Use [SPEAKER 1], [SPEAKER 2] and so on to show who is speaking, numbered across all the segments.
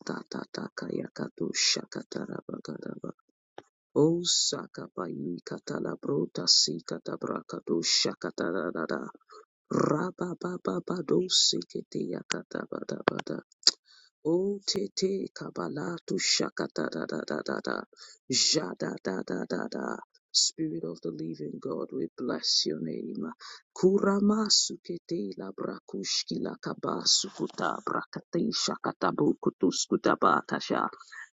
[SPEAKER 1] O sakabai katala Tatatatakayakatushakatarabakadaba. O Sakabayi Katalabrota Sikatabrakato Shakatarada Rabababado Sikiti Yakatabadabada O te te kabala tu shaka da da da da da da, ja da da da da da. Spirit of the living God, we bless your name. Kurama sukete la brakushki la kabasu kuta brakate shakatabu kutuskutaba tasha.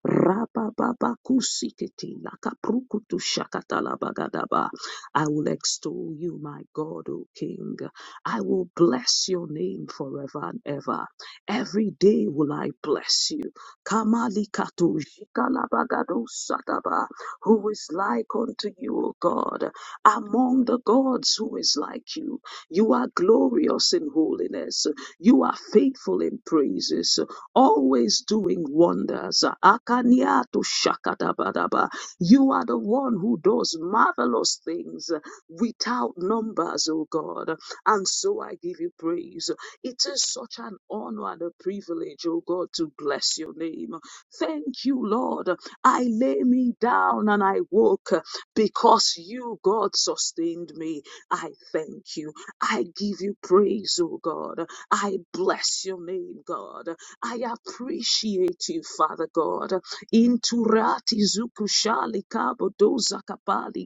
[SPEAKER 1] Rapa baba kusikete la kaprukutu shakata la bagadaba. I will extol you, my God, O King. I will bless your name forever and ever. Every day will I bless you. Kamalikatu jikalabagado sataba. Who is like unto you, O God? Among the gods, who is like you? You are glorious in holiness. You are faithful in praises. Always doing wonders. Akaniatu shakadabadaba. You are the one who does marvelous things without numbers, O God. And so I give you praise. It is such an honor and a privilege, oh God, to bless your name. Thank you, Lord. I lay me down and I woke because you, God, sustained me. I thank you. I give you praise, oh God. I bless your name, God. I appreciate you, Father God. Inturati zukushali kabodoza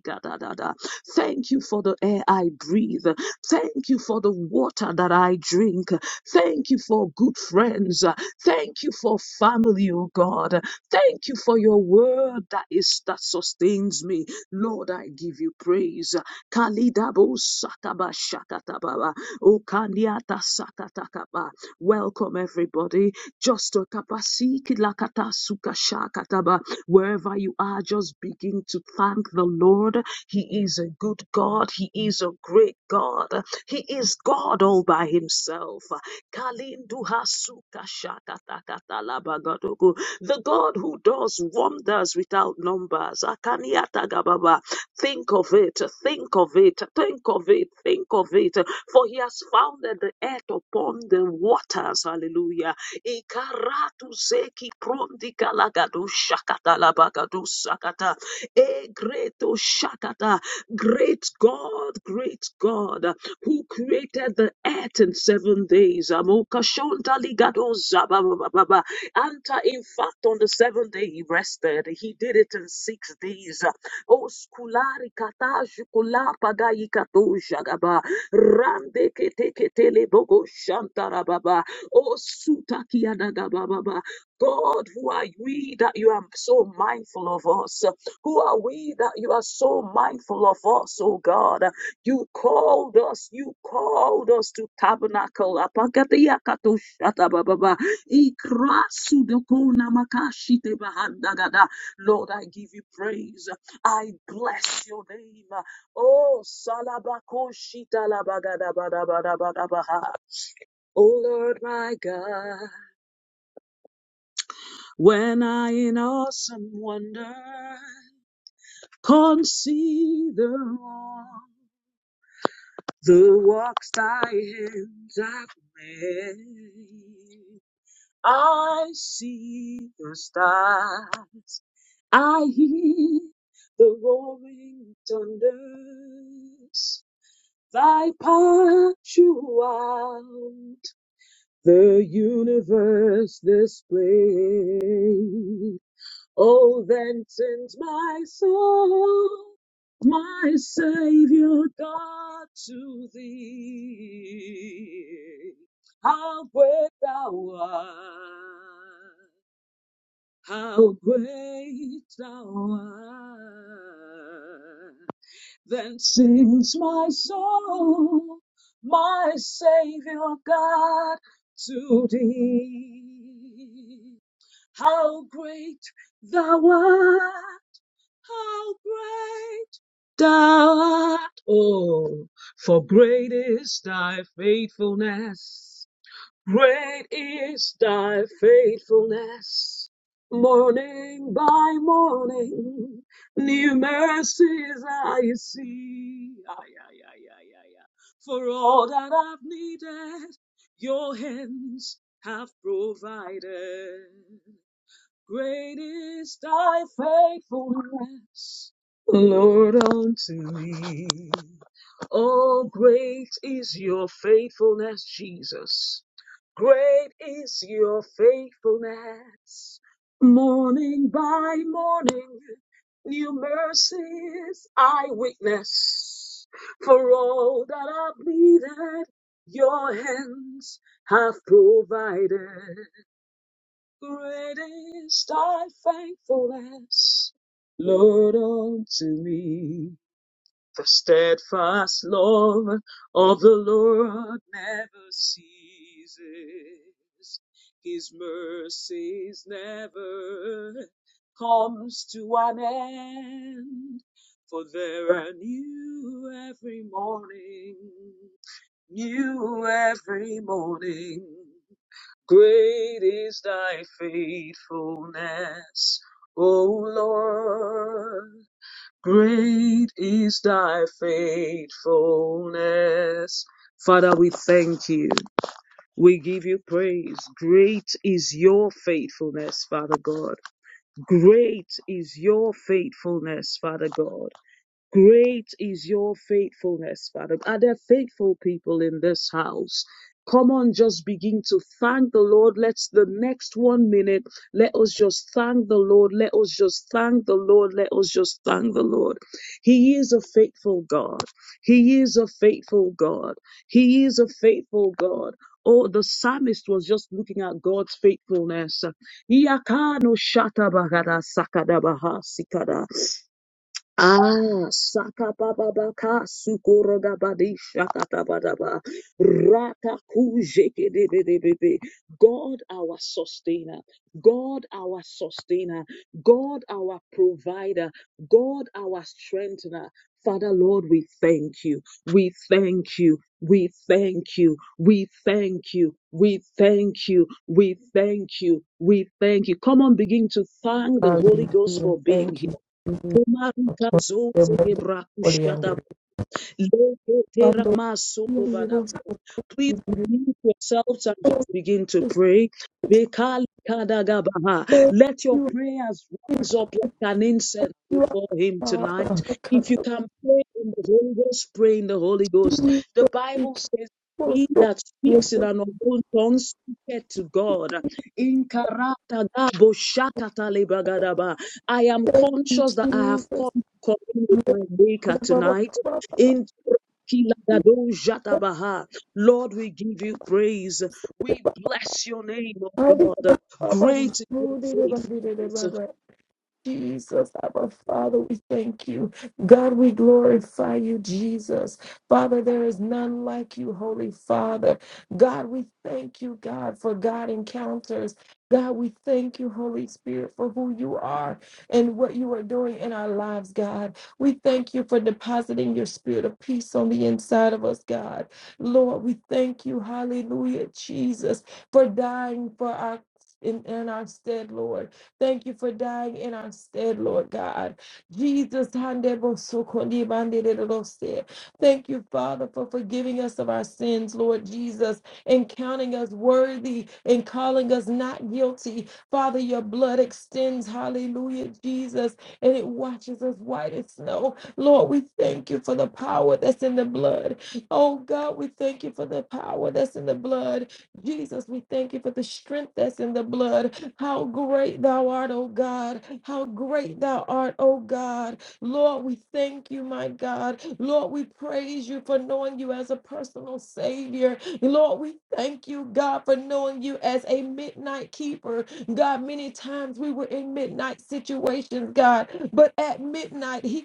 [SPEAKER 1] gadadada. Thank you for the air I breathe. Thank you for the water that I drink. Thank you for good friends. Thank you for family, oh God. Thank you for your word that is that sustains me. Lord, I give you praise. Kalidabo sakaba shakatababa. O kaliata sakatakaba. Welcome everybody. Just to kapasiki lakata suka shakataba. Wherever you are, just begin to thank the Lord. He is a good God. He is a great God. He is God all by himself. Kalindu hasuka shakatakatalabagodogo. The God who does wonders without numbers. Akaniatagababa. Think of it, think of it, think of it, think of it. For he has founded the earth upon the waters. Hallelujah. Ikaratu zeki prondi galagadu shakatalabagadu sakata. E greto shakata. Great God, great God, who created the earth in seven days. Amokashonta ligado zababababa. Anta, in fact, on the seventh day he rested. He did it in six days. O skulari kata jukula pagayi kato jagaba. Rande kete ketele bogo shantarababa. O sutaki adagabababa. God, who are we that you are so mindful of us? Who are we that you are so mindful of us, oh God? You called us, you called us to tabernacle. Lord, I give you praise. I bless your name. Oh, salabakoshitalabagadabaha. Oh Lord, my God, when I in awesome wonder Consider all the wrong, works thy hands have made. I see the stars, I hear the roaring thunders. Thy power throughout the universe displays. Oh, then sends my soul, my Savior God to thee. How great thou art, how great thou art. Then sings my soul, my Savior God to thee. How great thou art. How great thou art, oh, for great is thy faithfulness. Great is thy faithfulness. Morning by morning, new mercies I see. Ay, ay, ay, ay, ay, ay. For all that I've needed, your hands have provided. Great is thy faithfulness, Lord, unto me. Oh, great is your faithfulness, Jesus. Great is your faithfulness. Morning by morning, new mercies I witness. For all that I've needed, your hands have provided. Great is thy faithfulness, Lord, unto me. The steadfast love of the Lord never ceases. His mercies never comes to an end. For there are new every morning, new every morning. Great is thy faithfulness, O Lord. Great is thy faithfulness. Father, we thank you. We give you praise. Great is your faithfulness, Father God. Great is your faithfulness, Father God. Great is your faithfulness, Father. Are there faithful people in this house? Come on, just begin to thank the Lord. Let's the next one minute, let us just thank the Lord. Let us just thank the Lord. Let us just thank the Lord. He is a faithful God. He is a faithful God. He is a faithful God. Oh, the psalmist was just looking at God's faithfulness. Iyakano shata bagada sakada baha sikada. Ah, sakabababaka, sukorogabadi, shakatabadaba, ratakujekebebebebe. God, our sustainer, God, our sustainer, God, our provider, God, our strengthener. Father, Lord, we thank you. We thank you. We thank you. We thank you. We thank you. We thank you. We thank you. Come on, begin to thank the Holy Ghost
[SPEAKER 2] Hallelujah.
[SPEAKER 1] for being here
[SPEAKER 2] Thank you. Jesus.
[SPEAKER 1] marika zoze
[SPEAKER 2] Levanta
[SPEAKER 1] gebra kushata
[SPEAKER 2] olhando.
[SPEAKER 1] Please
[SPEAKER 2] Quando ele was
[SPEAKER 1] unmute yourselves and just begin to
[SPEAKER 2] just
[SPEAKER 1] pray. Bekalikadagabaha.
[SPEAKER 2] thank
[SPEAKER 1] Let your
[SPEAKER 2] you,
[SPEAKER 1] prayers
[SPEAKER 2] thank
[SPEAKER 1] rise up like an incense
[SPEAKER 2] you,
[SPEAKER 1] before Him
[SPEAKER 2] Father,
[SPEAKER 1] tonight.
[SPEAKER 2] because
[SPEAKER 1] If you
[SPEAKER 2] of
[SPEAKER 1] can pray in the Holy Ghost, pray in the Holy Ghost.
[SPEAKER 2] Jesus,
[SPEAKER 1] The
[SPEAKER 2] we
[SPEAKER 1] Bible
[SPEAKER 2] can
[SPEAKER 1] says,
[SPEAKER 2] also
[SPEAKER 1] He that
[SPEAKER 2] yes,
[SPEAKER 1] speaks in
[SPEAKER 2] so
[SPEAKER 1] an unknown tongue speaketh to God. In karatagabo shakatalebagada. ba. I am
[SPEAKER 2] thank you,
[SPEAKER 1] conscious that I have come
[SPEAKER 2] Jesus.
[SPEAKER 1] to commune with my maker
[SPEAKER 2] I did Baba,
[SPEAKER 1] tonight.
[SPEAKER 2] Baba,
[SPEAKER 1] In Lord, we give you praise. We bless your name, O God.
[SPEAKER 2] Baba,
[SPEAKER 1] Great is your faithfulness.
[SPEAKER 2] Baba, Jesus, our Father, we thank you. God, we glorify you, Jesus. Father, there is none like you, Holy Father. God, we thank you, God, for God encounters. God, we thank you, Holy Spirit, for who you are and what you are doing in our lives, God. We thank you for depositing your spirit of peace on the inside of us, God. Lord, we thank you, hallelujah, Jesus, for dying for our in, in our stead, Lord. Thank you for dying in our stead, Lord God. Jesus, handebosokondibandidididose. thank you, Father, for forgiving us of our sins, Lord Jesus, and counting us worthy and calling us not guilty. Father, your blood extends, hallelujah, Jesus, and it washes us white as snow. Lord, we thank you for the power that's in the blood. Oh God, we thank you for the power that's in the blood. Jesus, we thank you for the strength that's in the blood. How great thou art, O God. How great thou art, O God. Lord, we thank you, my God. Lord, we praise you for knowing you as a personal Savior. Lord, we thank you, God, for knowing you as a midnight keeper. God, many times we were in midnight situations, God, but at midnight, He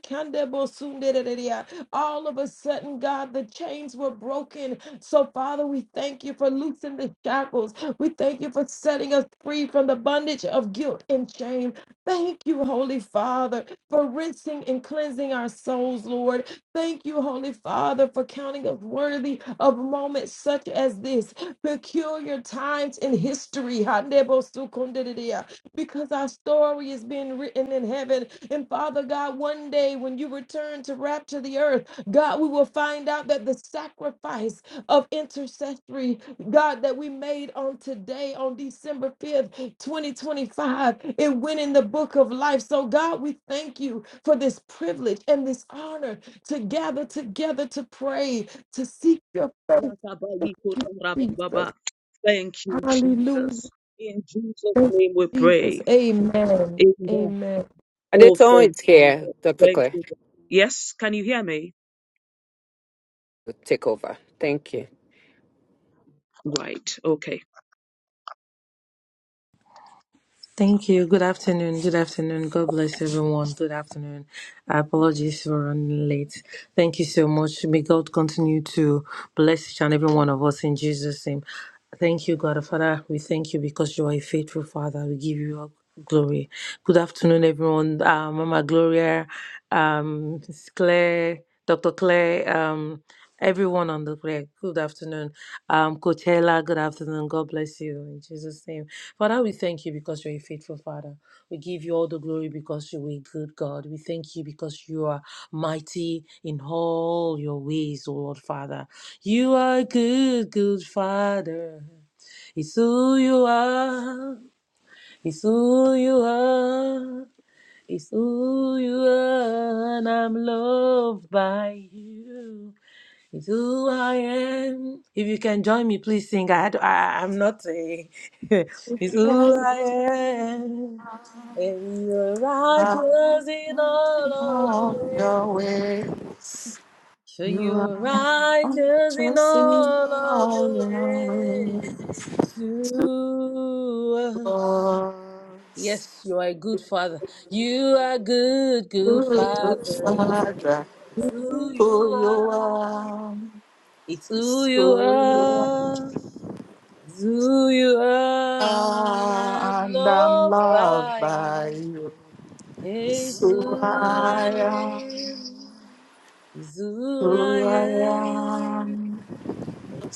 [SPEAKER 2] all of a sudden, God, the chains were broken. So, Father, we thank you for loosing the shackles. We thank you for setting us free from the bondage of guilt and shame. Thank you, Holy Father, for rinsing and cleansing our souls, Lord. Thank you, Holy Father, for counting us worthy of moments such as this, peculiar times in history. Hanebosukundididea, Because our story is being written in heaven. And Father God, one day when you return to rapture the earth, God, we will find out that the sacrifice of intercessory God, that we made on today, on December 5th, 2025. It went in the book of life. So, God, we thank you for this privilege and this honor to gather together to pray, to seek your face. Thank you, Jesus.
[SPEAKER 1] Thank you,
[SPEAKER 2] Hallelujah.
[SPEAKER 1] Jesus. In Jesus'
[SPEAKER 2] Thank you,
[SPEAKER 1] name we
[SPEAKER 2] Jesus.
[SPEAKER 1] pray.
[SPEAKER 2] Amen.
[SPEAKER 1] Amen.
[SPEAKER 2] Amen.
[SPEAKER 1] Oh,
[SPEAKER 3] It's
[SPEAKER 1] thank
[SPEAKER 3] always
[SPEAKER 1] you.
[SPEAKER 3] here,
[SPEAKER 1] Lord.
[SPEAKER 3] Dr.
[SPEAKER 1] Thank
[SPEAKER 3] Claire.
[SPEAKER 1] you. Lord. Yes, can you hear me?
[SPEAKER 3] Take over. Thank you.
[SPEAKER 1] Right, okay.
[SPEAKER 4] Thank you. Good afternoon. Good afternoon. God bless everyone. Good afternoon. Apologies for running late. Thank you so much. May God continue to bless each and every one of us in Jesus' name. Thank you, God Father. We thank you because you are a faithful Father. We give you all glory. Good afternoon, everyone. Uh, Mama Gloria, um, Miss Claire, Dr. Claire. Um, everyone on the prayer. Good afternoon. Um, Coachella, good afternoon. God bless you in Jesus' name. Father, we thank you because you're a faithful Father. We give you all the glory because you're a good God. We thank you because you are mighty in all your ways, O Lord Father. You are a good, good Father. It's who you are. It's who you are. It's who you are. And I'm loved by you. It's who I am. If you can join me, please sing. I, I I'm not a. it's who I
[SPEAKER 5] Are
[SPEAKER 4] am. And you're righteous in all of your
[SPEAKER 5] all
[SPEAKER 4] ways.
[SPEAKER 5] your ways.
[SPEAKER 4] So
[SPEAKER 5] You
[SPEAKER 4] you're
[SPEAKER 5] are
[SPEAKER 4] righteous in
[SPEAKER 5] righteous
[SPEAKER 4] all of
[SPEAKER 5] all
[SPEAKER 4] your
[SPEAKER 5] your ways.
[SPEAKER 4] ways
[SPEAKER 5] to
[SPEAKER 4] to us.
[SPEAKER 5] Us,
[SPEAKER 4] Yes, you are a good father. You are good, good
[SPEAKER 5] Good good
[SPEAKER 4] father.
[SPEAKER 5] Father,
[SPEAKER 4] It's who you
[SPEAKER 5] who you
[SPEAKER 4] are.
[SPEAKER 5] are,
[SPEAKER 4] It's who you
[SPEAKER 5] who you
[SPEAKER 4] are. It's who you are. And
[SPEAKER 5] are,
[SPEAKER 4] I'm
[SPEAKER 5] and I'm
[SPEAKER 4] loved
[SPEAKER 5] loved
[SPEAKER 4] by
[SPEAKER 5] by
[SPEAKER 4] you.
[SPEAKER 5] you.
[SPEAKER 4] It's
[SPEAKER 5] So
[SPEAKER 4] who I
[SPEAKER 5] I
[SPEAKER 4] am.
[SPEAKER 5] am,
[SPEAKER 4] It's who I
[SPEAKER 5] who I
[SPEAKER 4] am.
[SPEAKER 5] am,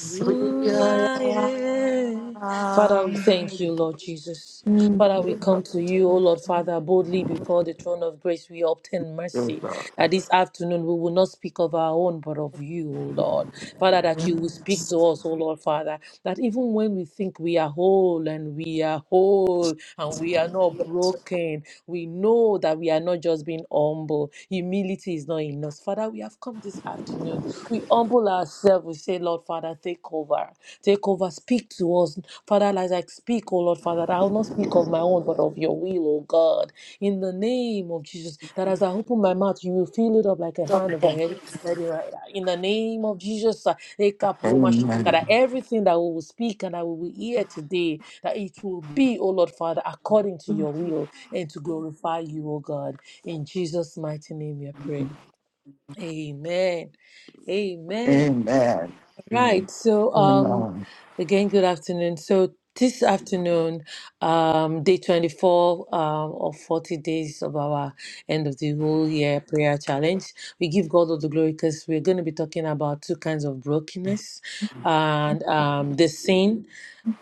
[SPEAKER 4] Who
[SPEAKER 5] who
[SPEAKER 4] I
[SPEAKER 5] I
[SPEAKER 4] am. Father, we thank
[SPEAKER 5] am.
[SPEAKER 4] you, Lord Jesus. Father, we come to you, O Lord Father, boldly before the throne of grace. We obtain
[SPEAKER 5] Yes,
[SPEAKER 4] mercy
[SPEAKER 5] God.
[SPEAKER 4] that this afternoon we will not speak of our own, but of you, O Lord. Father, that you will speak to us, O Lord Father, that even when we think we are whole and and we are whole and we are not broken. We know that we are not just being humble. Humility is not in us, Father, we have come this afternoon. We humble ourselves. We say, Lord, Father, take over. Take over. Speak to us. Father, as I speak, oh Lord, Father, that I will not speak of my own, but of your will, oh God in the name of Jesus. That as I open my mouth, you will fill it up like a
[SPEAKER 5] Don't
[SPEAKER 4] hand
[SPEAKER 5] let
[SPEAKER 4] of a head. Let it right out. In the name of Jesus, uh, that
[SPEAKER 5] Amen.
[SPEAKER 4] everything that we will speak and that we will hear today, that it will be, O Lord Father, according to your will and to glorify you, O God. In Jesus' mighty name we are prayed. Amen. Amen.
[SPEAKER 5] Amen.
[SPEAKER 4] Right. So, um,
[SPEAKER 5] Amen.
[SPEAKER 4] again, good afternoon. So this afternoon, um, day 24 um, of 40 days of our end of the whole year prayer challenge, we give God all the glory because we're going to be talking about two kinds of brokenness and um, the sin,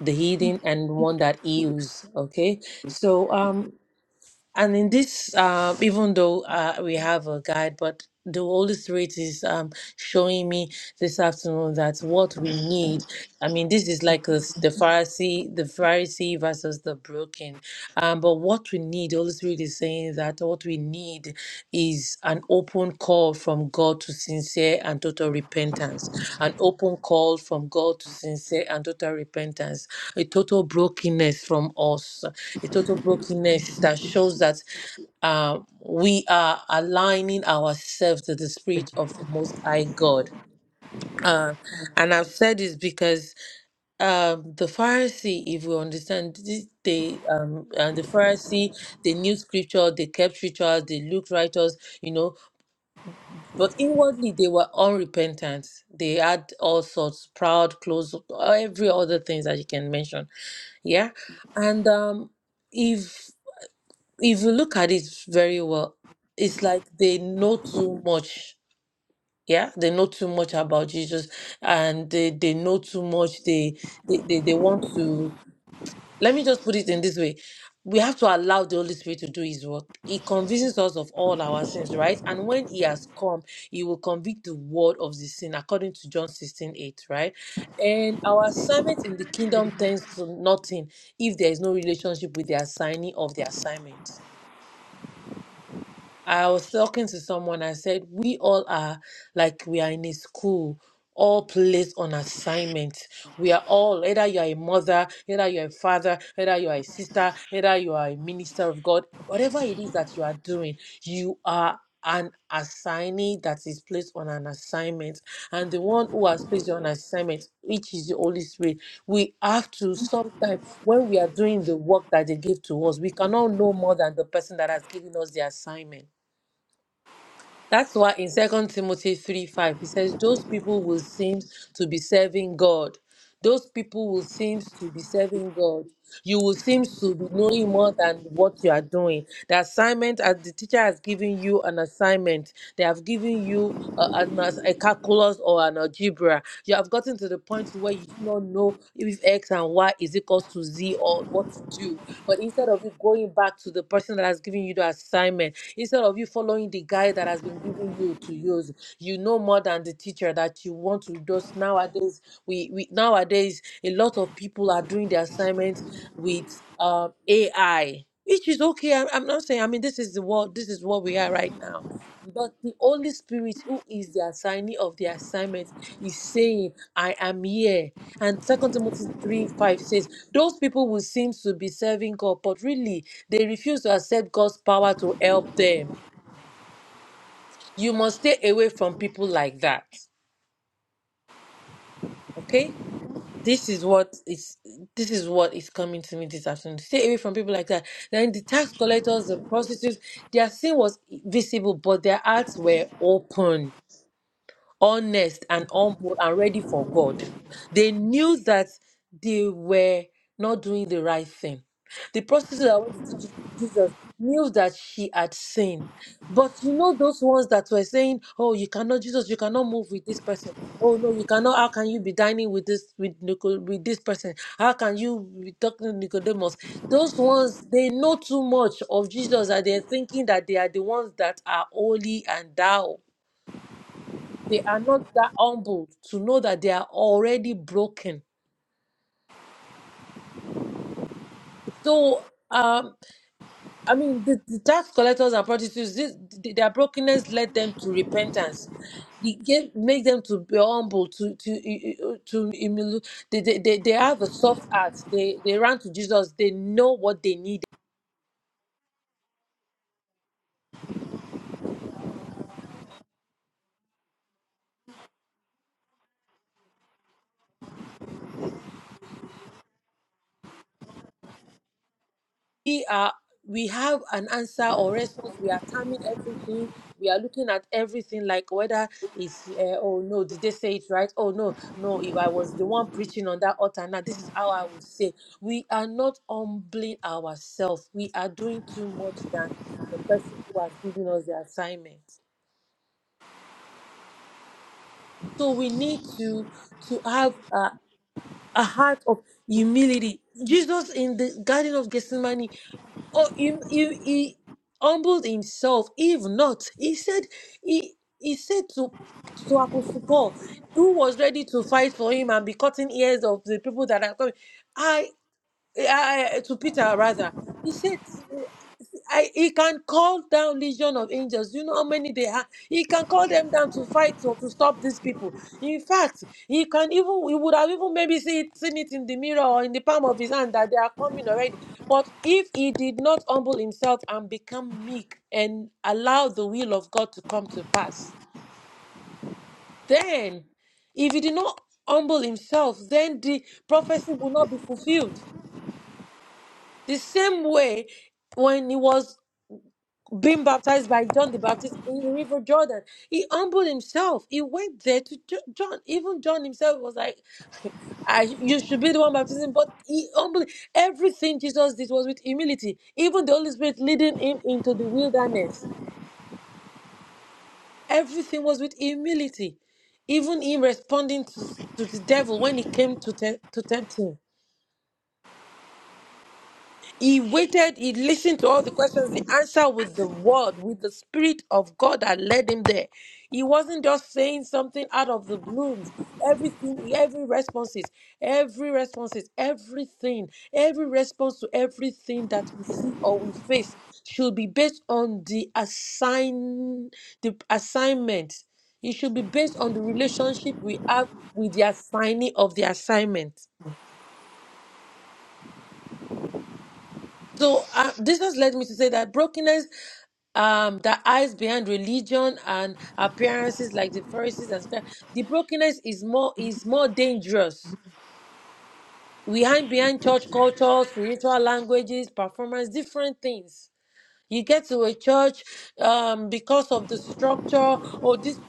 [SPEAKER 4] the healing, and one that heals. Okay. So, um, and in this, uh, even though uh, we have a guide, but the Holy Spirit is um, showing me this afternoon that what we need. I mean, this is like a s the Pharisee, the Pharisee versus the broken. Um, but what we need, Holy Spirit is saying that what we need is an open call from God to sincere and total repentance, an open call from God to sincere and total repentance, a total brokenness from us, a total brokenness that shows that uh, we are aligning ourselves to the Spirit of the Most High God. Uh, and I've said this because um, the Pharisee, if we understand, this, they um, and the Pharisee, they knew Scripture, they kept rituals, they looked righteous, you know, but inwardly, they were unrepentant. They had all sorts, proud, close, every other things that you can mention. Yeah. And um, if if you look at it very well, it's like they know too much. Yeah, they know too much about Jesus, and they, they know too much. They they, they, they want to let me just put it in this way. We have to allow the Holy Spirit to do His work. He convinces us of all our sins, right? And when He has come, He will convict the world of the sin, according to John 16 8, right? And our assignment in the kingdom tends to nothing if there is no relationship with the assignee of the assignment. I was talking to someone, I said, We all are like we are in a school, all placed on assignment. We are all, either you are a mother, either you are a father, either you are a sister, either you are a minister of God, whatever it is that you are doing, you are an assignee that is placed on an assignment. And the one who has placed you on assignment, which is the Holy Spirit, we have to sometimes, when we are doing the work that they give to us, we cannot know more than the person that has given us the assignment. That's why in Second Timothy 3 5, he says, Those people will seem to be serving God. Those people will seem to be serving God. You will seem to be knowing more than what you are doing. The assignment, as the teacher has given you an assignment, they have given you a, an as- a calculus or an algebra. You have gotten to the point where you do not know if X and Y is equals to Z or what to do. But instead of you going back to the person that has given you the assignment, instead of you following the guide that has been given you to use you know more than the teacher that you want to just nowadays we, we nowadays a lot of people are doing the assignment with um ai which is okay I, i'm not saying i mean this is the world this is what we are right now but the Holy Spirit, who is the assignee of the assignment, is saying, I am here. And Second Timothy 3 5 says, Those people who seem to be serving God, but really, they refuse to accept God's power to help them. You must stay away from people like that. Okay? This is what is this is what is coming to me this afternoon. Stay away from people like that. Then the tax collectors, the prostitutes, their sin was visible, but their hearts were open honest and humble and ready for God. They knew that they were not doing the right thing. The prostitute that went to teach Jesus knew that she had sinned. But you know those ones that were saying, "Oh, you cannot, Jesus, you cannot move with this person." Oh no, you cannot. How can you be dining with this with Nico, with this person? How can you be talking to Nicodemus? Those ones they know too much of Jesus that they're thinking that they are the ones that are holy and thou they are not that humbled to know that they are already broken. So, um, I mean, the, the tax collectors and prostitutes, this, th- their brokenness led them to repentance. It gave, make them to be humble, to to to to humil- they, they they they have a soft heart. They they ran to Jesus. They know what they needed we are we have an answer or response we are timing everything we are looking at everything like whether it's uh, oh no did they say it right oh no no if i was the one preaching on that altar now this is how i would say we are not humbling ourselves we are doing too much than the person who has given us the assignment so we need to to have a, a heart of humility jesus in the garden of gethsemane Oh, he, he, he humbled himself. If not, he said, he, he said to, to Apostle Paul, who was ready to fight for him and be cutting ears of the people that are coming, I, I, to Peter rather, he said. I, he can call down legion of angels. You know how many they have. He can call them down to fight or to stop these people. In fact, he can even he would have even maybe see it, seen it in the mirror or in the palm of his hand that they are coming already. But if he did not humble himself and become meek and allow the will of God to come to pass, then if he did not humble himself, then the prophecy will not be fulfilled. The same way when he was being baptized by John the Baptist in the River Jordan. He humbled himself. He went there to Jo- John. Even John himself was like, I, you should be the one baptizing, but he humbled. Everything Jesus did was with humility. Even the Holy Spirit leading him into the wilderness. Everything was with humility. Even him responding to, to the devil when he came to, te- to tempt him. He waited, he listened to all the questions, the answer with the word, with the spirit of God that led him there. He wasn't just saying something out of the blooms. Everything, every responses, every responses, everything, every response to everything that we see or we face should be based on the assign the assignment. It should be based on the relationship we have with the assignee of the assignment. So uh, this has led me to say that brokenness um that hides behind religion and appearances like the Pharisees and stuff, the brokenness is more is more dangerous. We hide behind church culture, spiritual languages, performance, different things. You get to a church um because of the structure or this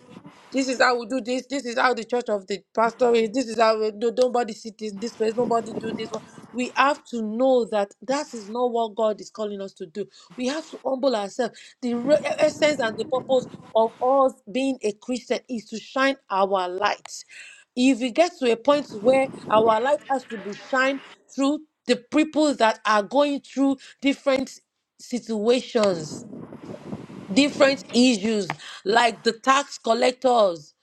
[SPEAKER 4] this is how we do this. This is how the church of the pastor is. This is how we do. Nobody sit in this place. Nobody do this one. We have to know that that is not what God is calling us to do. We have to humble ourselves. The re- essence and the purpose of us being a Christian is to shine our light. If we get to a point where our light has to be shined through the people that are going through different situations different issues like the tax collectors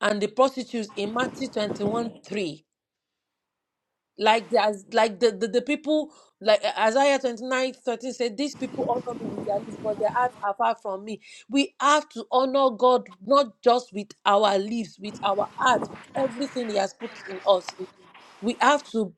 [SPEAKER 4] and the prostitutes in Matthew 21 3. Like the, as- like the, the, the people, like uh, Isaiah 29 13 said, These people honor me with their lips, but their hearts are far from me. We have to honor God not just with our lips, with our hearts, with everything He has put in us. We have to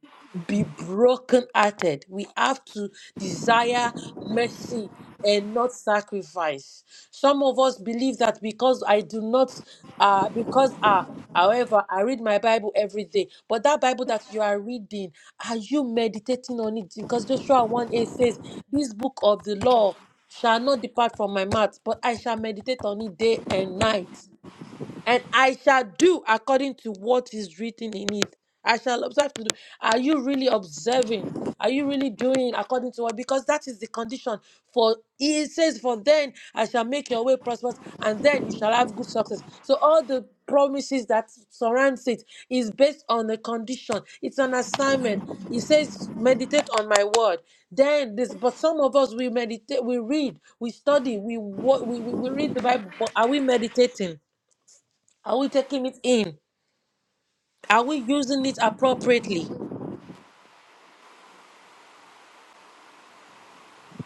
[SPEAKER 4] be broken hearted. We have to desire mercy and not sacrifice. Some of us believe that because I do not, uh, because, uh, however, I read my Bible every day. But that Bible that you are reading, are you meditating on it? Because Joshua 1 8 says, This book of the law shall not depart from my mouth, but I shall meditate on it day and night and I shall do according to what is written in it. I shall observe to do. Are you really observing? Are you really doing according to what? Because that is the condition. For it says, For then I shall make your way prosperous, and then you shall have good success. So all the promises that surrounds it is based on a condition. It's an assignment. It says, Meditate on my word. Then this, but some of us we meditate, we read, we study, we wo- we, we, we read the Bible, but are we meditating? Are we taking it in? Are we using it appropriately?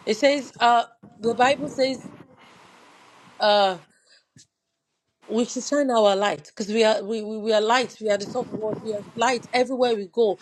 [SPEAKER 4] It says, uh, the Bible says, uh, we should shine our light because we are we, we we are light we are the salt of the world we are light everywhere we go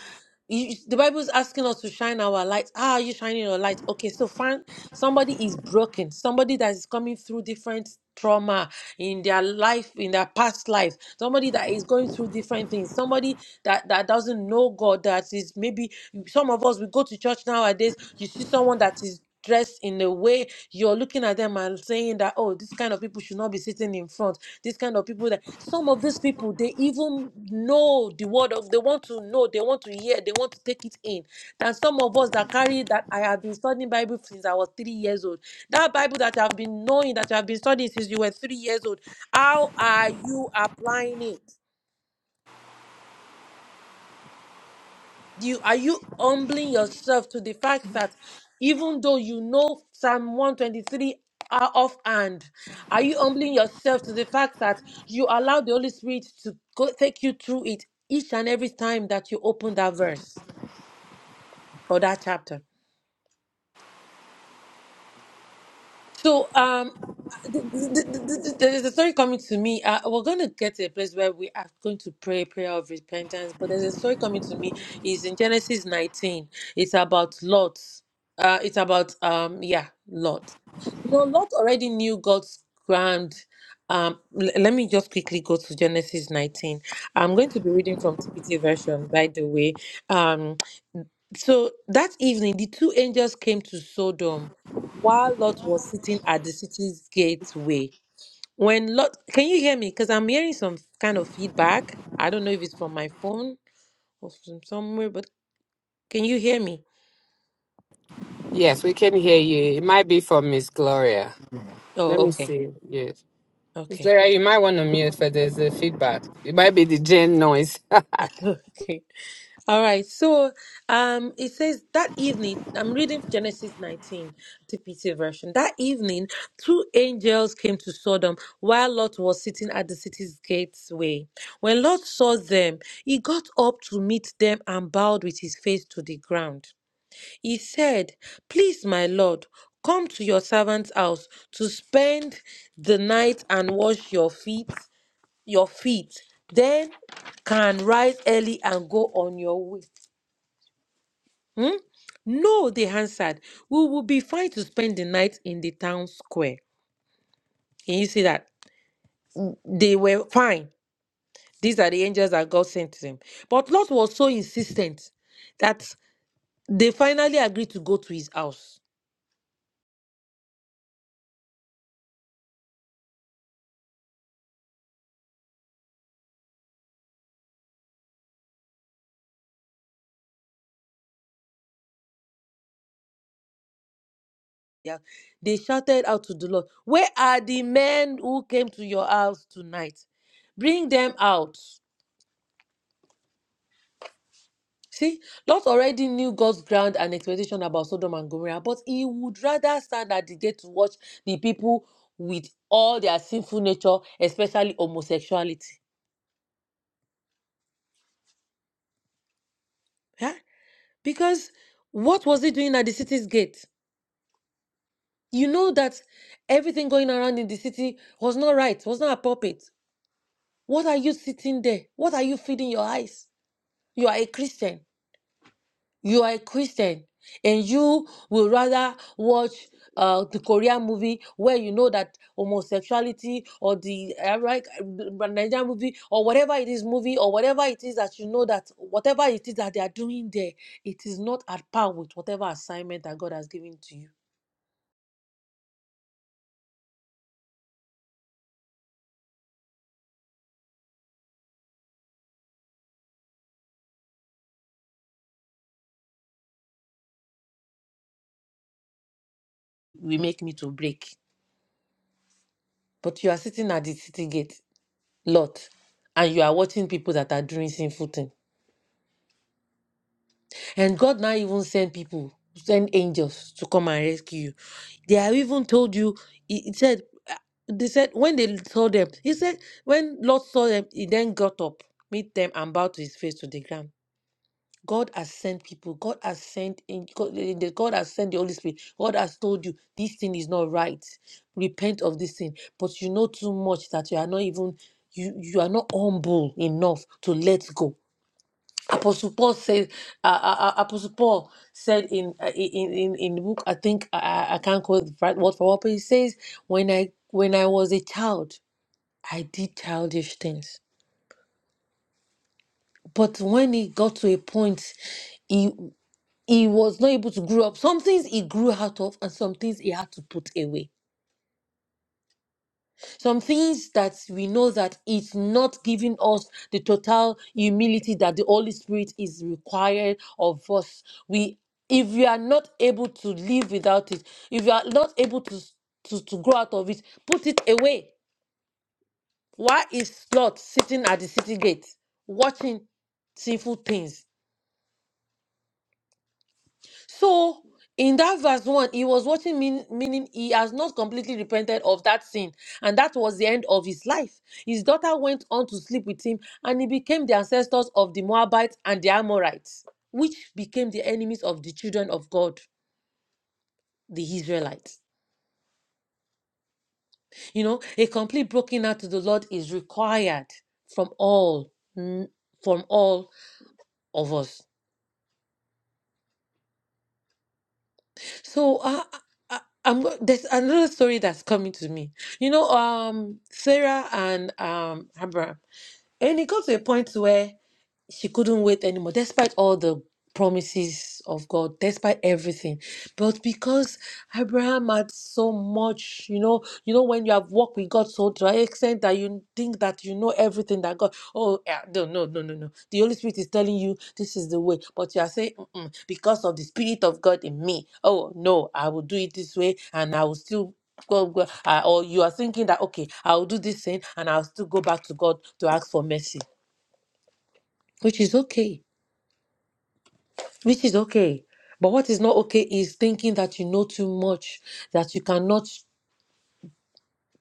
[SPEAKER 4] you, the bible is asking us to shine our light how are you shining your light okay so find somebody is broken somebody that is coming through different trauma in their life in their past life somebody that is going through different things somebody that that doesn't know god that is maybe some of us we go to church nowadays you see someone that is dressed in a way you're looking at them and saying that oh this kind of people should not be sitting in front this kind of people that some of these people they even know the word of they want to know, they want to hear, they want to take it in. And some of us that carry that I have been studying Bible since I was three years old. That Bible that you have been knowing, that you have been studying since you were three years old. How are you applying it? you are you humbling yourself to the fact that even though you know Psalm 123 are offhand, are you humbling yourself to the fact that you allow the Holy Spirit to go take you through it each and every time that you open that verse or that chapter? So um, th- th- th- th- th- there's a story coming to me. Uh, we're going to get to a place where we are going to pray a prayer of repentance. But there's a story coming to me. It's in Genesis 19. It's about Lot. Uh, it's about um, yeah, Lot. You know, Lot already knew God's grand. Um, l- let me just quickly go to Genesis 19. I'm going to be reading from TPT version, by the way. Um. So that evening, the two angels came to Sodom while Lot was sitting at the city's gateway. When Lot, can you hear me? Because I'm hearing some kind of feedback. I don't know if it's from my phone or from somewhere, but can you hear me?
[SPEAKER 3] Yes, we can hear you. It might be from Miss Gloria. Let
[SPEAKER 4] Oh,
[SPEAKER 3] me
[SPEAKER 4] okay.
[SPEAKER 3] see. Yes. Miss
[SPEAKER 4] Okay.
[SPEAKER 3] Gloria, you might want to mute for there's a feedback. It might be the gen noise.
[SPEAKER 4] Okay. All right, so um, it says that evening, I'm reading Genesis 19, TPT version. That evening, two angels came to Sodom while Lot was sitting at the city's gateway. When Lot saw them, he got up to meet them and bowed with his face to the ground. He said, Please, my Lord, come to your servant's house to spend the night and wash your feet, your feet. Then can rise early and go on your way Hmm? No, they answered. We will be fine to spend the night in the town square. Can you see that? They were fine. These are the angels that God sent to them. But Lot was so insistent that they finally agreed to go to his house. Yeah. They shouted out to the Lord, Where are the men who came to your house tonight? Bring them out. See, Lot already knew God's ground and expectation about Sodom and Gomorrah, but he would rather stand at the gate to watch the people with all their sinful nature, especially homosexuality. Yeah? Because what was he doing at the city's gate? You know that everything going around in the city was not right, was not appropriate. What are you sitting there? What are you feeding your eyes? You are a Christian. you are a Christian and you will rather watch uh, the Korean movie where you know that homosexuality or the uh, right, uh, Nigerian movie or whatever it is movie or whatever it is that you know that whatever it is that they are doing there, it is not at par with whatever assignment that God has given to you. We make me to break. But you are sitting at the city gate, lot, and you are watching people that are doing sinful thing. And God now even send people, send angels to come and rescue you. They have even told you, he, he said, uh, they said, when they saw them, he said, when Lord saw them, he then got up, meet them, and bowed to his face to the ground. God has sent people. God has sent in God, eh, the- God has sent the Holy Spirit. God has told you this thing is not right. Repent of this thing. But you know too much that you are not even you you are not humble enough to let go Apostle Paul said, uh, uh, uh, Apostle Paul said in, uh, in in in the book, I think I, I I can't quote the right word for what, but he says, when I when I was a child, I did childish things. But when he got to a point, he he was not able to grow up. Some things he grew out of, and some things he had to put away. Some things that we know that it's not giving us the total humility that the Holy Spirit is required of us. We if we are not able to live without it, if you are not able to, to, to grow out of it, put it away. Why is Lot sitting at the city gate watching sinful things? So in that verse 1, he was watching, mean, meaning he has not completely repented of that sin. And that was the end of his life. His daughter went on to sleep with him, and he became the ancestors of the Moabites and the Amorites, which became the enemies of the children of God, the Israelites. You know, a complete broken out to the Lord is required from all, mm, from all of us. So uh, I, I'm go- there's another story that's coming to me. You know, um, Sarah and um Abraham, and it got to a point where she couldn't wait anymore, despite all the promises of God, despite everything. But because Abraham had so much, you know, you know, when you have walked with God so to an extent that you think that you know everything that God, oh, eh, no, no, no, no, no. The Holy Spirit is telling you this is the way, but you are saying, "Mm-mm, because of the Spirit of God in me, oh, no, I will do it this way and I will still go, go, uh, or you are thinking that, okay, I will do this thing and I'll still go back to God to ask for mercy, which is okay which is okay. But what is not okay is thinking that you know too much, that you cannot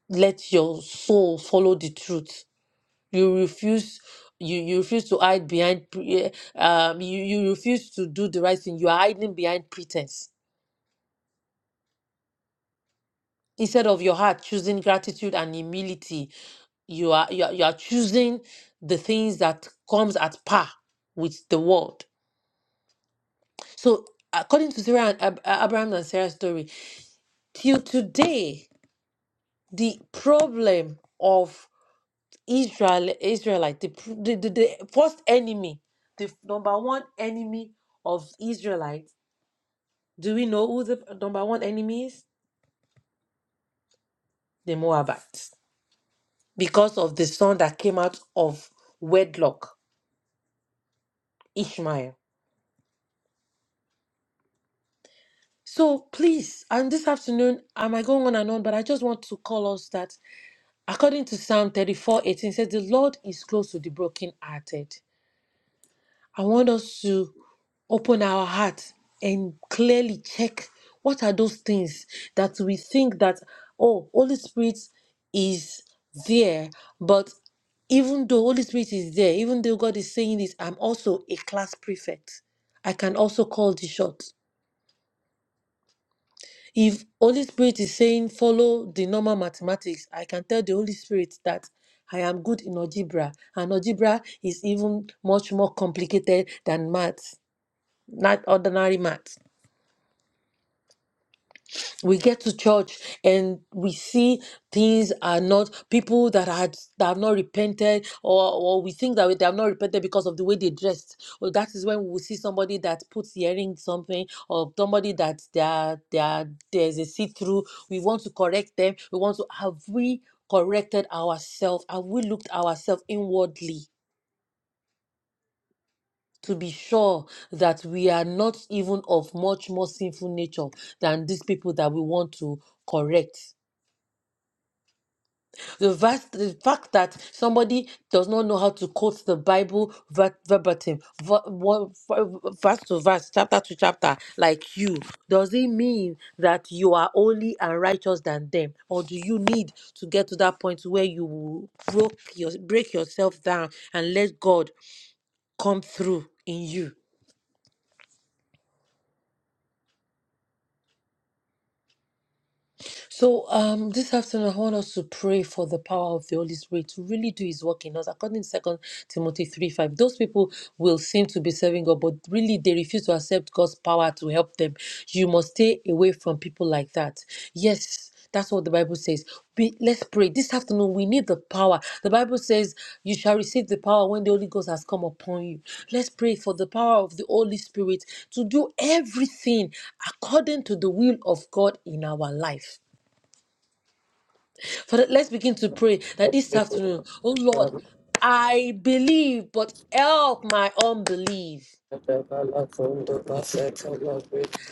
[SPEAKER 4] let your soul follow the truth. You refuse. You, you refuse to hide behind pre- eh, um you, you refuse to do the right thing you are hiding behind pretense instead of your heart choosing gratitude and humility you are you are, you are choosing the things that comes at par with the world so according to sarah and Ab- abraham and sarah's story till today the problem of Israel, Israelite, the, pr- the, the, the first enemy, the f- number one enemy of Israelites. Do we know who the number one enemy is? The Moabites, because of the son that came out of wedlock, Ishmael. So please, and this afternoon, am I going on and on? But I just want to call us that according to Psalm 34, 18 says, The Lord is close to the brokenhearted I want us to open our heart and clearly check what are those things that we think that oh Holy Spirit is there, but even though Holy Spirit is there, even though God is saying this, I'm also a class prefect. I can also call the shot. If Holy Spirit is saying follow the normal mathematics, I can tell the Holy Spirit that I am good in algebra, and algebra is even much more complicated than math not ordinary maths. We get to church and we see things are not people that had that have not repented, or, or we think that they have not repented because of the way they dressed. Well, that is when we will see somebody that puts earring something, or somebody that they are, they are, there's a see through. We want to correct them. We want to have we corrected ourselves? Have we looked ourselves inwardly? to be sure that we are not even of much more sinful nature than these people that we want to correct. The, vast, the fact that somebody does not know how to quote the Bible ver- verbatim, ver- one- ver- verse to verse, chapter to chapter, like you, does it mean that you are holy and righteous than them? Or do you need to get to that point where you will broke your, break yourself down and let God come through in you? So, um, this afternoon, I want us to pray for the power of the Holy Spirit to really do His work in us. According to Second Timothy three five, those people will seem to be serving God, but really they refuse to accept God's power to help them. You must stay away from people like that. Yes. That's what the Bible says. Be, let's pray. This afternoon, we need the power. The Bible says, You shall receive the power when the Holy Ghost has come upon you. Let's pray for the power of the Holy Spirit to do everything according to the will of God in our life. Father, let's begin to pray that this afternoon, oh Lord, I believe, but help my unbelief.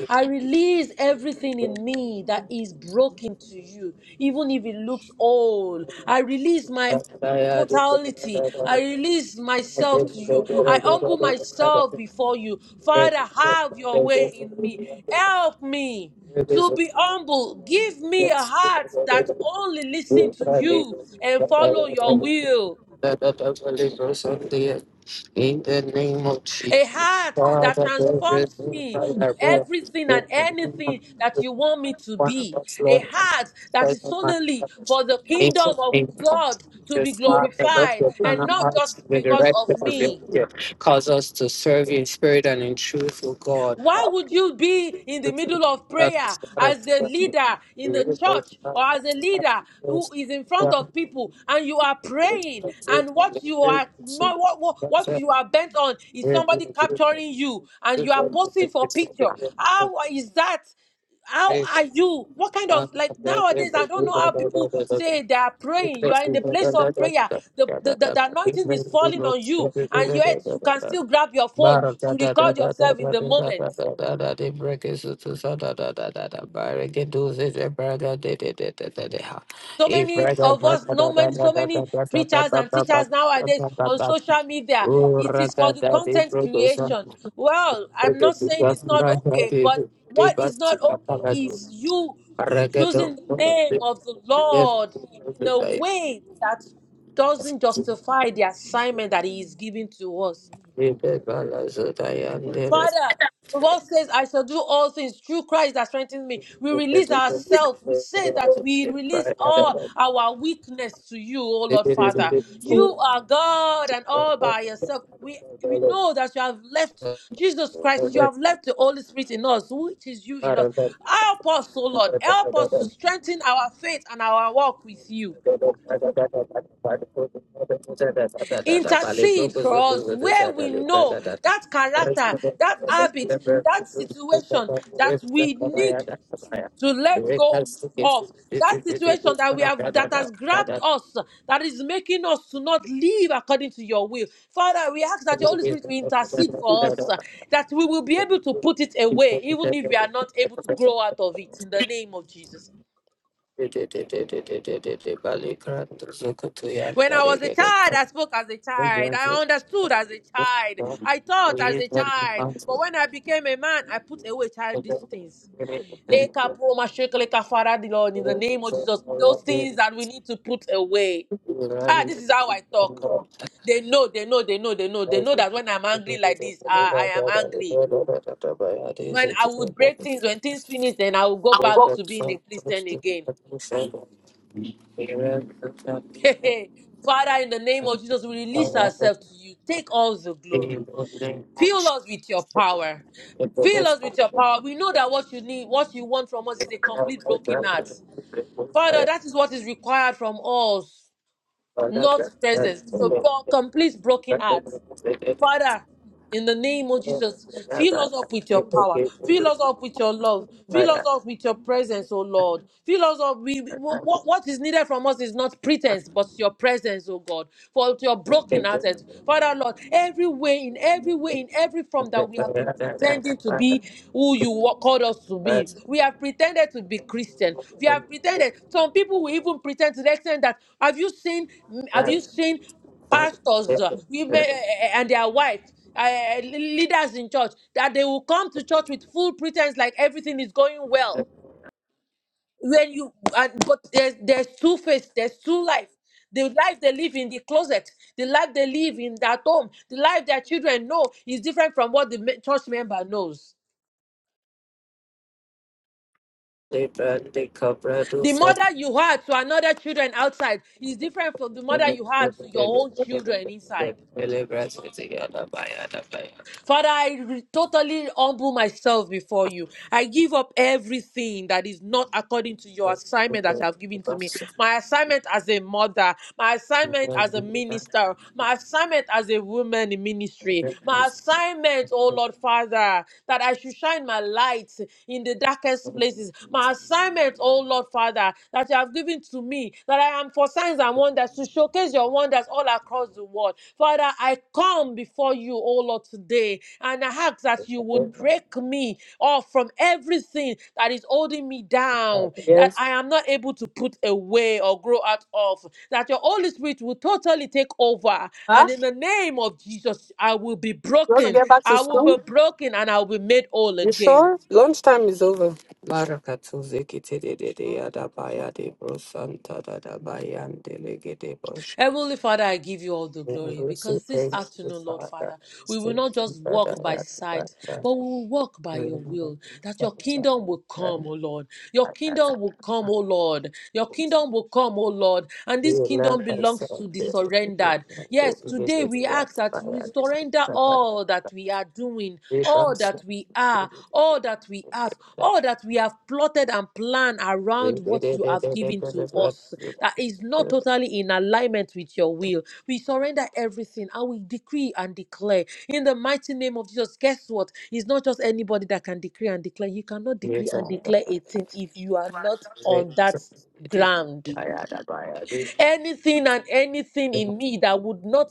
[SPEAKER 4] I release everything in me that is broken to you, even if it looks old. I release my totality. I release myself to you. I humble myself before you. Father, have your way in me. Help me to be humble. Give me a heart that only listens to you and follow your will.
[SPEAKER 3] that the devil delivers us In the name of Jesus,
[SPEAKER 4] a heart that
[SPEAKER 3] Father, there is
[SPEAKER 4] transforms
[SPEAKER 3] no
[SPEAKER 4] me to
[SPEAKER 3] fire, In
[SPEAKER 4] everything and
[SPEAKER 3] the name of
[SPEAKER 4] anything that
[SPEAKER 3] Jesus,
[SPEAKER 4] you want me to
[SPEAKER 3] one of
[SPEAKER 4] be,
[SPEAKER 3] us,
[SPEAKER 4] a
[SPEAKER 3] Lord, come
[SPEAKER 4] heart
[SPEAKER 3] to
[SPEAKER 4] that
[SPEAKER 3] save
[SPEAKER 4] is
[SPEAKER 3] my
[SPEAKER 4] solely
[SPEAKER 3] brothers.
[SPEAKER 4] for the
[SPEAKER 3] In
[SPEAKER 4] kingdom
[SPEAKER 3] the
[SPEAKER 4] of
[SPEAKER 3] name of
[SPEAKER 4] God to be
[SPEAKER 3] Jesus, Father, Lord,
[SPEAKER 4] glorified
[SPEAKER 3] your turn
[SPEAKER 4] and
[SPEAKER 3] our
[SPEAKER 4] not
[SPEAKER 3] hearts in
[SPEAKER 4] just
[SPEAKER 3] the
[SPEAKER 4] because
[SPEAKER 3] direction
[SPEAKER 4] of
[SPEAKER 3] of your
[SPEAKER 4] me.
[SPEAKER 3] will. Cause us to serve you in spirit and in truth, O God.
[SPEAKER 4] Why would you be in the middle of prayer as the leader in the church or as a leader who is in front
[SPEAKER 3] Father,
[SPEAKER 4] of people and you are
[SPEAKER 3] Barra
[SPEAKER 4] praying and what you are what, what, what you are bent on is somebody capturing you and you are posting for picture? How is that? how are you? What kind of like nowadays? I don't know how people say they are praying. You are in the place of prayer. The the, the, the anointing is falling on you, and yet you can still grab your phone to record yourself in the moment. So many of us, no many, so many preachers and teachers nowadays on social media. It is for the
[SPEAKER 3] Urakadadi
[SPEAKER 4] content
[SPEAKER 3] Prokosa,
[SPEAKER 4] creation. Well, I'm not saying it's not okay, but
[SPEAKER 3] Rakadadi,
[SPEAKER 4] what is
[SPEAKER 3] Devas
[SPEAKER 4] not okay
[SPEAKER 3] Kapaladu,
[SPEAKER 4] is you using the
[SPEAKER 3] Rakado,
[SPEAKER 4] name of the Lord in a way that doesn't justify the assignment that He is giving to us. Father, the word says, I shall do all things through Christ that strengthens me. We release ourselves. We say that we release all our weakness to you, O Lord Father. You are God and all by yourself. We we know that you have left Jesus Christ, you have left the Holy Spirit in us, which is you in us. Help us, O Lord. Help us to strengthen our faith and our walk with you. intercede for us where we know that character, that habit, that situation that we need to let go of. That situation that we have that has grabbed us, that is making us to not live according to your will. Father, we ask that your Holy Spirit will intercede for us, that we will be able to put it away, even if we are not able to grow out of it. In the name of Jesus.
[SPEAKER 3] Bali Krat Zukutuya
[SPEAKER 4] When I
[SPEAKER 3] Dare
[SPEAKER 4] was a child, I spoke as a child. I understood as a
[SPEAKER 3] Thank
[SPEAKER 4] child. I thought as a child. But when I became a man, I put away childish things. Leka po ma sheke leka fara Lord, In the name of Jesus, those things that we need to put away.
[SPEAKER 3] you.
[SPEAKER 4] Ah, this is how I talk. They know, they know, they know, they know, they know that when I'm angry like this, ah, I am angry. When I would break things, when things finish, then I will go back to being a Christian again. Father, in the name of Jesus, we release ourselves to you. Take all the glory. Fill us with your power. Fill us with your power. We know that what you need, what you want from us is a complete broken heart. Father, that is what is required from us, not presence. So, for complete broken heart. Father, in the name of Jesus, fill us up with your power. Fill us up with your love. Fill us up with your presence, O Lord. Fill us up. We, what, what is needed from us is not pretense, but your presence, O God. For your broken hearted. Father, Lord, every way, in every way, in every form that we have been pretending to be who you wa- called us to be. We have pretended to be Christian. We have pretended. Some people will even pretend to the extent that have you seen, have you seen pastors uh, women uh, and their wives uh, leaders in church that they will come to church with full pretense like everything is going well when you and but there's, there's two face there's two life the life they live in the closet the life they live in that home the life their children know is different from what the me- church member knows the mother you had to another children outside is different from the mother you had to your own children inside Father, I re- totally humble myself before you. I give up everything that is not according to your assignment that you have given to me. My assignment as a mother, my assignment as a minister, my assignment as a woman in ministry, my assignment, oh Lord Father, that I should shine my light light in the darkest places. My assignment, oh Lord Father, that you have given to me, that I am for signs and wonders to showcase your wonders all across the world. Father, I come before you, oh Lord, today, and I ask that you would break me off from everything that is holding me down, that
[SPEAKER 3] Yes.
[SPEAKER 4] I am not able to put away or grow out of, that your Holy Spirit will totally take over.
[SPEAKER 3] Huh?
[SPEAKER 4] And in the name of Jesus, I will be
[SPEAKER 3] You want to
[SPEAKER 4] broken.
[SPEAKER 3] get back to
[SPEAKER 4] I will
[SPEAKER 3] school?
[SPEAKER 4] be broken and I will be made whole
[SPEAKER 3] You
[SPEAKER 4] again.
[SPEAKER 3] sure? Lunchtime is over. Barakatu zikiti de de de adabaya de brosanta da da bayan de bosh.
[SPEAKER 4] Heavenly Father, I give you all the glory
[SPEAKER 3] We say
[SPEAKER 4] because this
[SPEAKER 3] thank you,
[SPEAKER 4] afternoon, Lord
[SPEAKER 3] Father.
[SPEAKER 4] Father,
[SPEAKER 3] We
[SPEAKER 4] we will
[SPEAKER 3] say
[SPEAKER 4] not
[SPEAKER 3] thank you,
[SPEAKER 4] just walk
[SPEAKER 3] Father.
[SPEAKER 4] by
[SPEAKER 3] that the Father,
[SPEAKER 4] sight, but we will walk by your will, that your kingdom will come, O Lord. Your kingdom will come, O Lord. Your kingdom will come, O Lord. And
[SPEAKER 3] we
[SPEAKER 4] this
[SPEAKER 3] love
[SPEAKER 4] kingdom belongs to
[SPEAKER 3] ourselves,
[SPEAKER 4] the
[SPEAKER 3] We love ourselves. this is the good
[SPEAKER 4] surrendered. Yes,
[SPEAKER 3] one. This is
[SPEAKER 4] today
[SPEAKER 3] the
[SPEAKER 4] we ask that
[SPEAKER 3] adabaya,
[SPEAKER 4] we
[SPEAKER 3] this is
[SPEAKER 4] surrender
[SPEAKER 3] the Father.
[SPEAKER 4] all that we are doing,
[SPEAKER 3] We
[SPEAKER 4] all
[SPEAKER 3] trust
[SPEAKER 4] that we are, all that we have all that we have plotted and planned around what you have given to us
[SPEAKER 3] you.
[SPEAKER 4] that is not totally in alignment with your will. We surrender everything and we decree and declare in the mighty name of Jesus. Guess what? It's not just anybody that can decree and declare. You cannot
[SPEAKER 3] Thank you,
[SPEAKER 4] decree
[SPEAKER 3] Jesus.
[SPEAKER 4] and declare a thing if you are not on that ground. Anything and anything in me that would not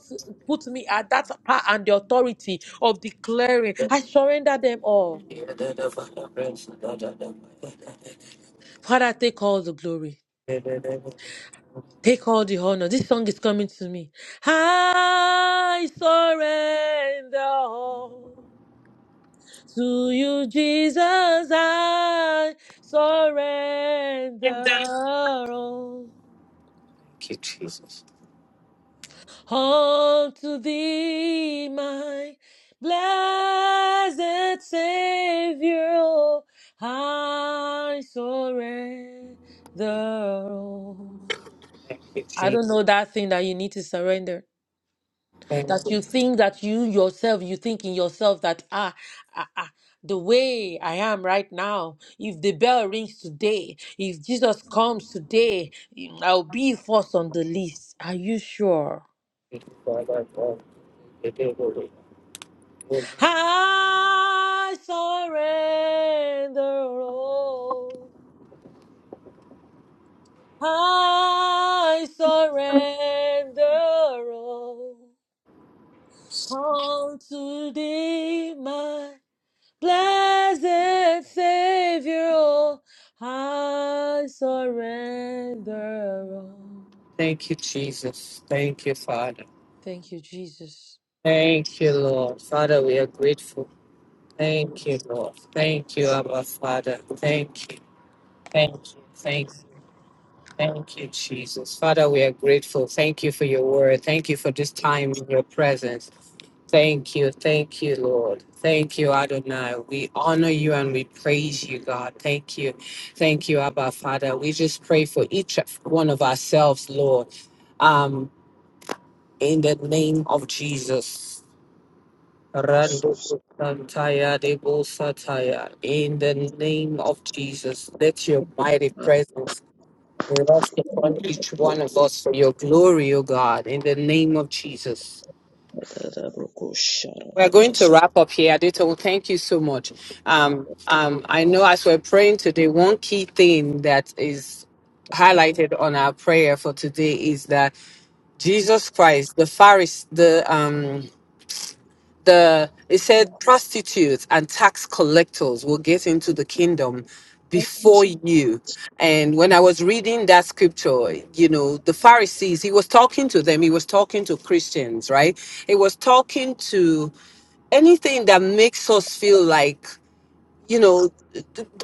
[SPEAKER 4] put me at that power and the authority of declaring, I surrender them all. Father, take all the glory. Take all the honor. This song is coming to me. I surrender all to you, Jesus. I surrender all
[SPEAKER 3] Thank you, Jesus.
[SPEAKER 4] unto thee, my blessed Savior. I surrender all. I don't know that thing that you need to surrender. that you think that you yourself you think in yourself that ah, ah, ah the way I am right now, if the bell rings today, if Jesus comes today, mm, I'll be first on the list. Are you sure? I surrender all. I surrender all unto thee, my Blessed Savior, all, I surrender all.
[SPEAKER 3] Thank you, Father.
[SPEAKER 4] Thank you, Jesus.
[SPEAKER 3] Thank you, Lord. Father, we are grateful. Thank you, Lord. Thank you, Abba Father. Thank you. Thank you. Thank you. Thank you, Jesus. Father, we are grateful. Thank you for your word. Thank you for this time in your presence. Thank you. Thank you, Lord. Thank you, Adonai. We honor you and we praise you, God. Thank you. Thank you, Abba Father. We just pray for each one of ourselves, Lord, um, in the name of Jesus. Rando Santaya Debo Sataya. In the name of Jesus, let your mighty presence rest upon each one of us for your glory, O God, in the name of Jesus. We're going to wrap up here. Adito, well, thank you so much. Um, um, I know as we're praying today, one key thing that is highlighted on our prayer for today is that Jesus Christ, the Pharisee, the um, the it said prostitutes and tax collectors will get into the kingdom before you. And when I was reading that scripture, you know, the Pharisees, he was talking to them, he was talking to Christians, right? He was talking to anything that makes us feel like you know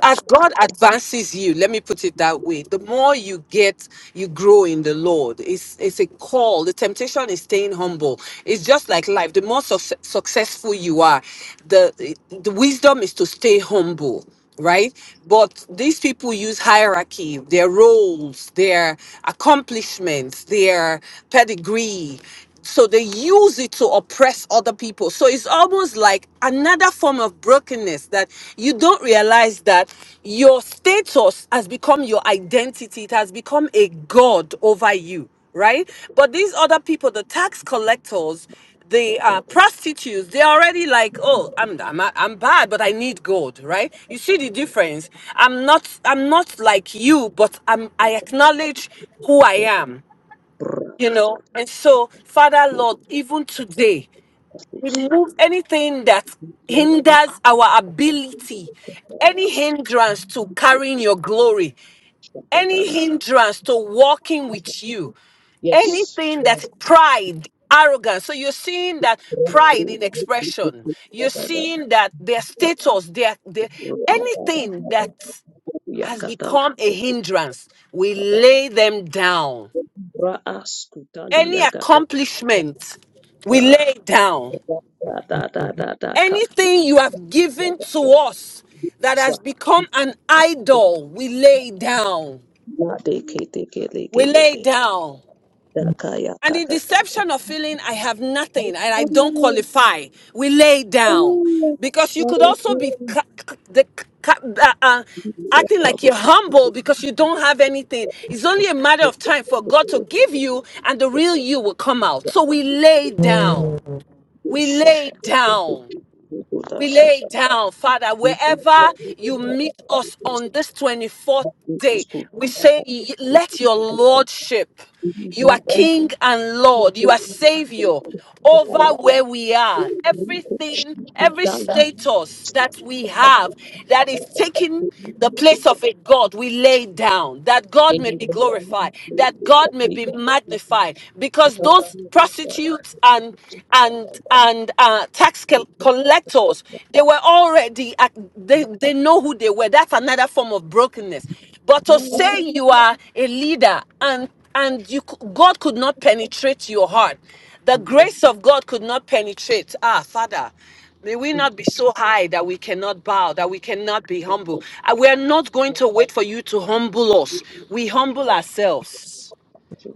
[SPEAKER 3] as god advances you let me put it that way the more you get you grow in the lord it's it's a call the temptation is staying humble it's just like life the more suc successful you are the the wisdom is to stay humble right but these people use hierarchy their roles their accomplishments their pedigree so they use it to oppress other people. So it's almost like another form of brokenness that you don't realize that your status has become your identity. It has become a god over you, right? But these other people, the tax collectors, the uh, prostitutes, they're already like, oh, I'm, I'm I'm bad, but I need God, right? You see the difference. I'm not I'm not like you, but I'm I acknowledge who I am you know. And so, Father Lord, even today, remove anything that hinders our ability, any hindrance to carrying your glory, any hindrance to walking with you,
[SPEAKER 1] Yes.
[SPEAKER 3] anything
[SPEAKER 1] yes.
[SPEAKER 3] that pride, arrogance. So you're seeing that pride in expression. You're seeing that their status, their, their anything that has
[SPEAKER 1] Yakata
[SPEAKER 3] become a hindrance, we lay them down
[SPEAKER 1] Raas Kutali
[SPEAKER 3] any
[SPEAKER 1] Yakata
[SPEAKER 3] accomplishment we lay down,
[SPEAKER 1] Da da da da ka
[SPEAKER 3] anything you have given to us that
[SPEAKER 1] sa
[SPEAKER 3] has become an idol, we lay down.
[SPEAKER 1] Na de ke te ke le ke
[SPEAKER 3] We
[SPEAKER 1] le
[SPEAKER 3] lay
[SPEAKER 1] ke
[SPEAKER 3] down.
[SPEAKER 1] Da ka ya
[SPEAKER 3] And
[SPEAKER 1] ka
[SPEAKER 3] the
[SPEAKER 1] da
[SPEAKER 3] deception of feeling I have nothing and I don't qualify, we lay down. Because you could also be ca- ca- the, ca- uh, uh, acting like you're humble because you don't have anything. It's only a matter of time for God to give you, and the real you will come out. So we lay down. We
[SPEAKER 1] sha
[SPEAKER 3] lay down.
[SPEAKER 1] ku da
[SPEAKER 3] We
[SPEAKER 1] sha
[SPEAKER 3] lay down, Father, wherever you meet us on this 24th day, we say, let your Lordship, you are King and Lord, you are Savior over where we are. Everything,
[SPEAKER 1] sku
[SPEAKER 3] every
[SPEAKER 1] da
[SPEAKER 3] status
[SPEAKER 1] Yes,
[SPEAKER 3] that we have that is taking the place of a God, we lay down that God may be glorified, that God may be magnified, because those prostitutes and and and uh, tax col- collectors. They were already at- they they know who they were. That's another form of brokenness. But to say you are a leader and and you c- God could not penetrate your heart, the grace of God could not penetrate. Ah, Father. May we not be so high that we cannot bow, that we cannot be humble. Uh, We are not going to wait for you to humble us. We humble ourselves.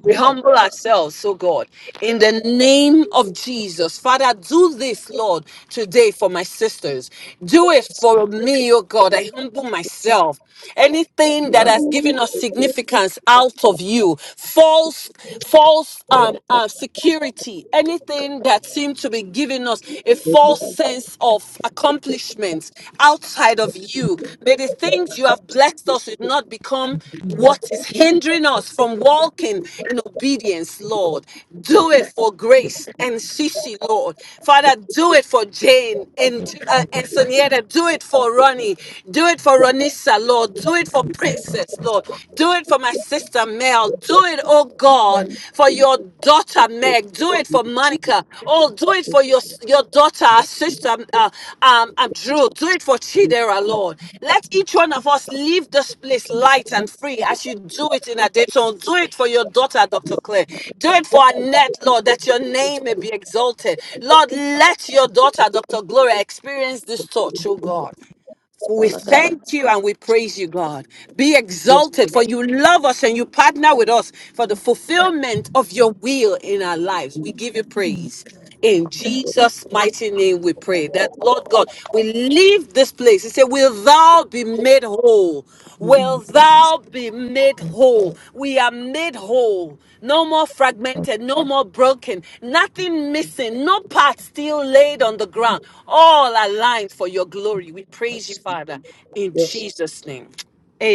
[SPEAKER 3] We humble ourselves, so God, in the name of Jesus. Father, do this, Lord, today for my sisters. Do it for me, oh God. I humble myself. Anything that has given us significance out of you, false, false um, uh, security, anything that seemed to be giving us a false sense of accomplishment, things outside of you. May the things you have blessed us with not become what is hindering us from walking in obedience, Lord. Do it for Grace and Shishi, Lord. Father, do it for Jane and, uh, and Sonieta. Do it for Ronnie. Do it for Ronissa, Lord. Do it for Princess, Lord. Do it for my sister Mel. Do it, oh God for your daughter, Meg. Do it for Monica. Oh, do it for your your daughter, our sister, um, uh, um, um, Drew. Do it for Chidera, Lord. Let each one of us leave this place light and free as you do it in a So do it for your daughter, Dr. Claire. Do it for Annette, Lord, that your name may be exalted. Lord, let your daughter, Dr. Gloria, experience this touch, oh God. So We thank you and we praise you, God. Be exalted, for you love us and you partner with us for the fulfillment of your will in our lives. We give you praise. In Jesus' mighty name, we pray that, Lord God, we leave this place. He said, Will thou be made whole? will
[SPEAKER 2] Amen.
[SPEAKER 3] thou be made whole. We are made whole. No more fragmented, no more broken, nothing missing, no part still laid on the ground. All aligned for your glory. We praise you,
[SPEAKER 1] yes,
[SPEAKER 3] Father, in
[SPEAKER 1] yes.
[SPEAKER 3] Jesus' name.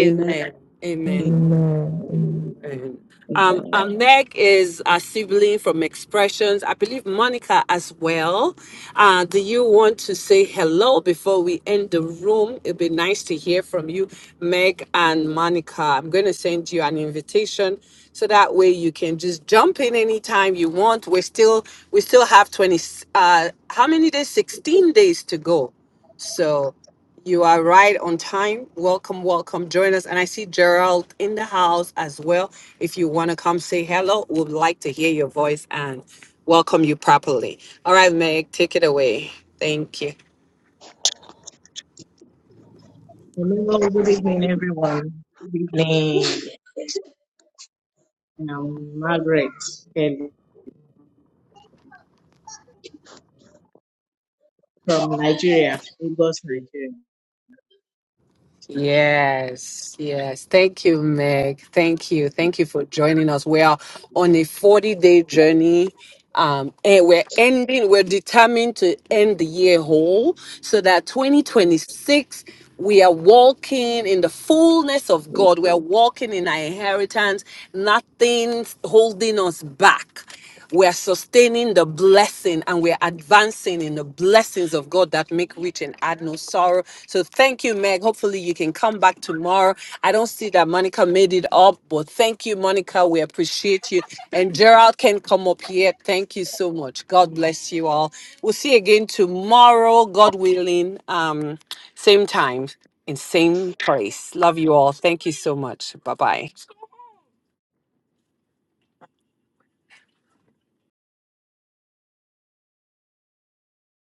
[SPEAKER 1] amen,
[SPEAKER 3] Amen.
[SPEAKER 1] amen,
[SPEAKER 2] Amen.
[SPEAKER 3] Mhm. Um,
[SPEAKER 1] amen.
[SPEAKER 3] um, Meg is a sibling from Expressions. I believe Monica as well. Uh, do you want to say hello before we end the room? It'd be nice to hear from you, Meg and Monica. I'm going to send you an invitation so that way you can just jump in anytime you want. We still we still have 20. Uh, how many days? 16 days to go. So. You are right on time. Welcome, welcome. Join us. And I see Gerald in the house as well. If you want to come say hello, we'd like to hear your voice and welcome you properly. All right, Meg, take it away. Thank you.
[SPEAKER 6] Hello, good evening, everyone. Good evening, um, Margaret and from Nigeria, Lagos, Nigeria.
[SPEAKER 3] Yes, yes. Thank you, Meg. Thank you. Thank you for joining us. We are on a 40 day journey. Um, and we're ending, we're determined to end the year whole so that 2026 we are walking in the fullness of God. We are walking in our inheritance, Nothing holding us back. We're sustaining the blessing and we're advancing in the blessings of God that make rich and add no sorrow. So thank you, Meg. Hopefully you can come back tomorrow. I don't see that Monica made it up, but thank you, Monica. We appreciate you. And Gerald can come up here. Thank you so much. God bless you all. We'll see you again tomorrow, God willing. Um, same time in same place. Love you all. Thank you so much. Bye bye.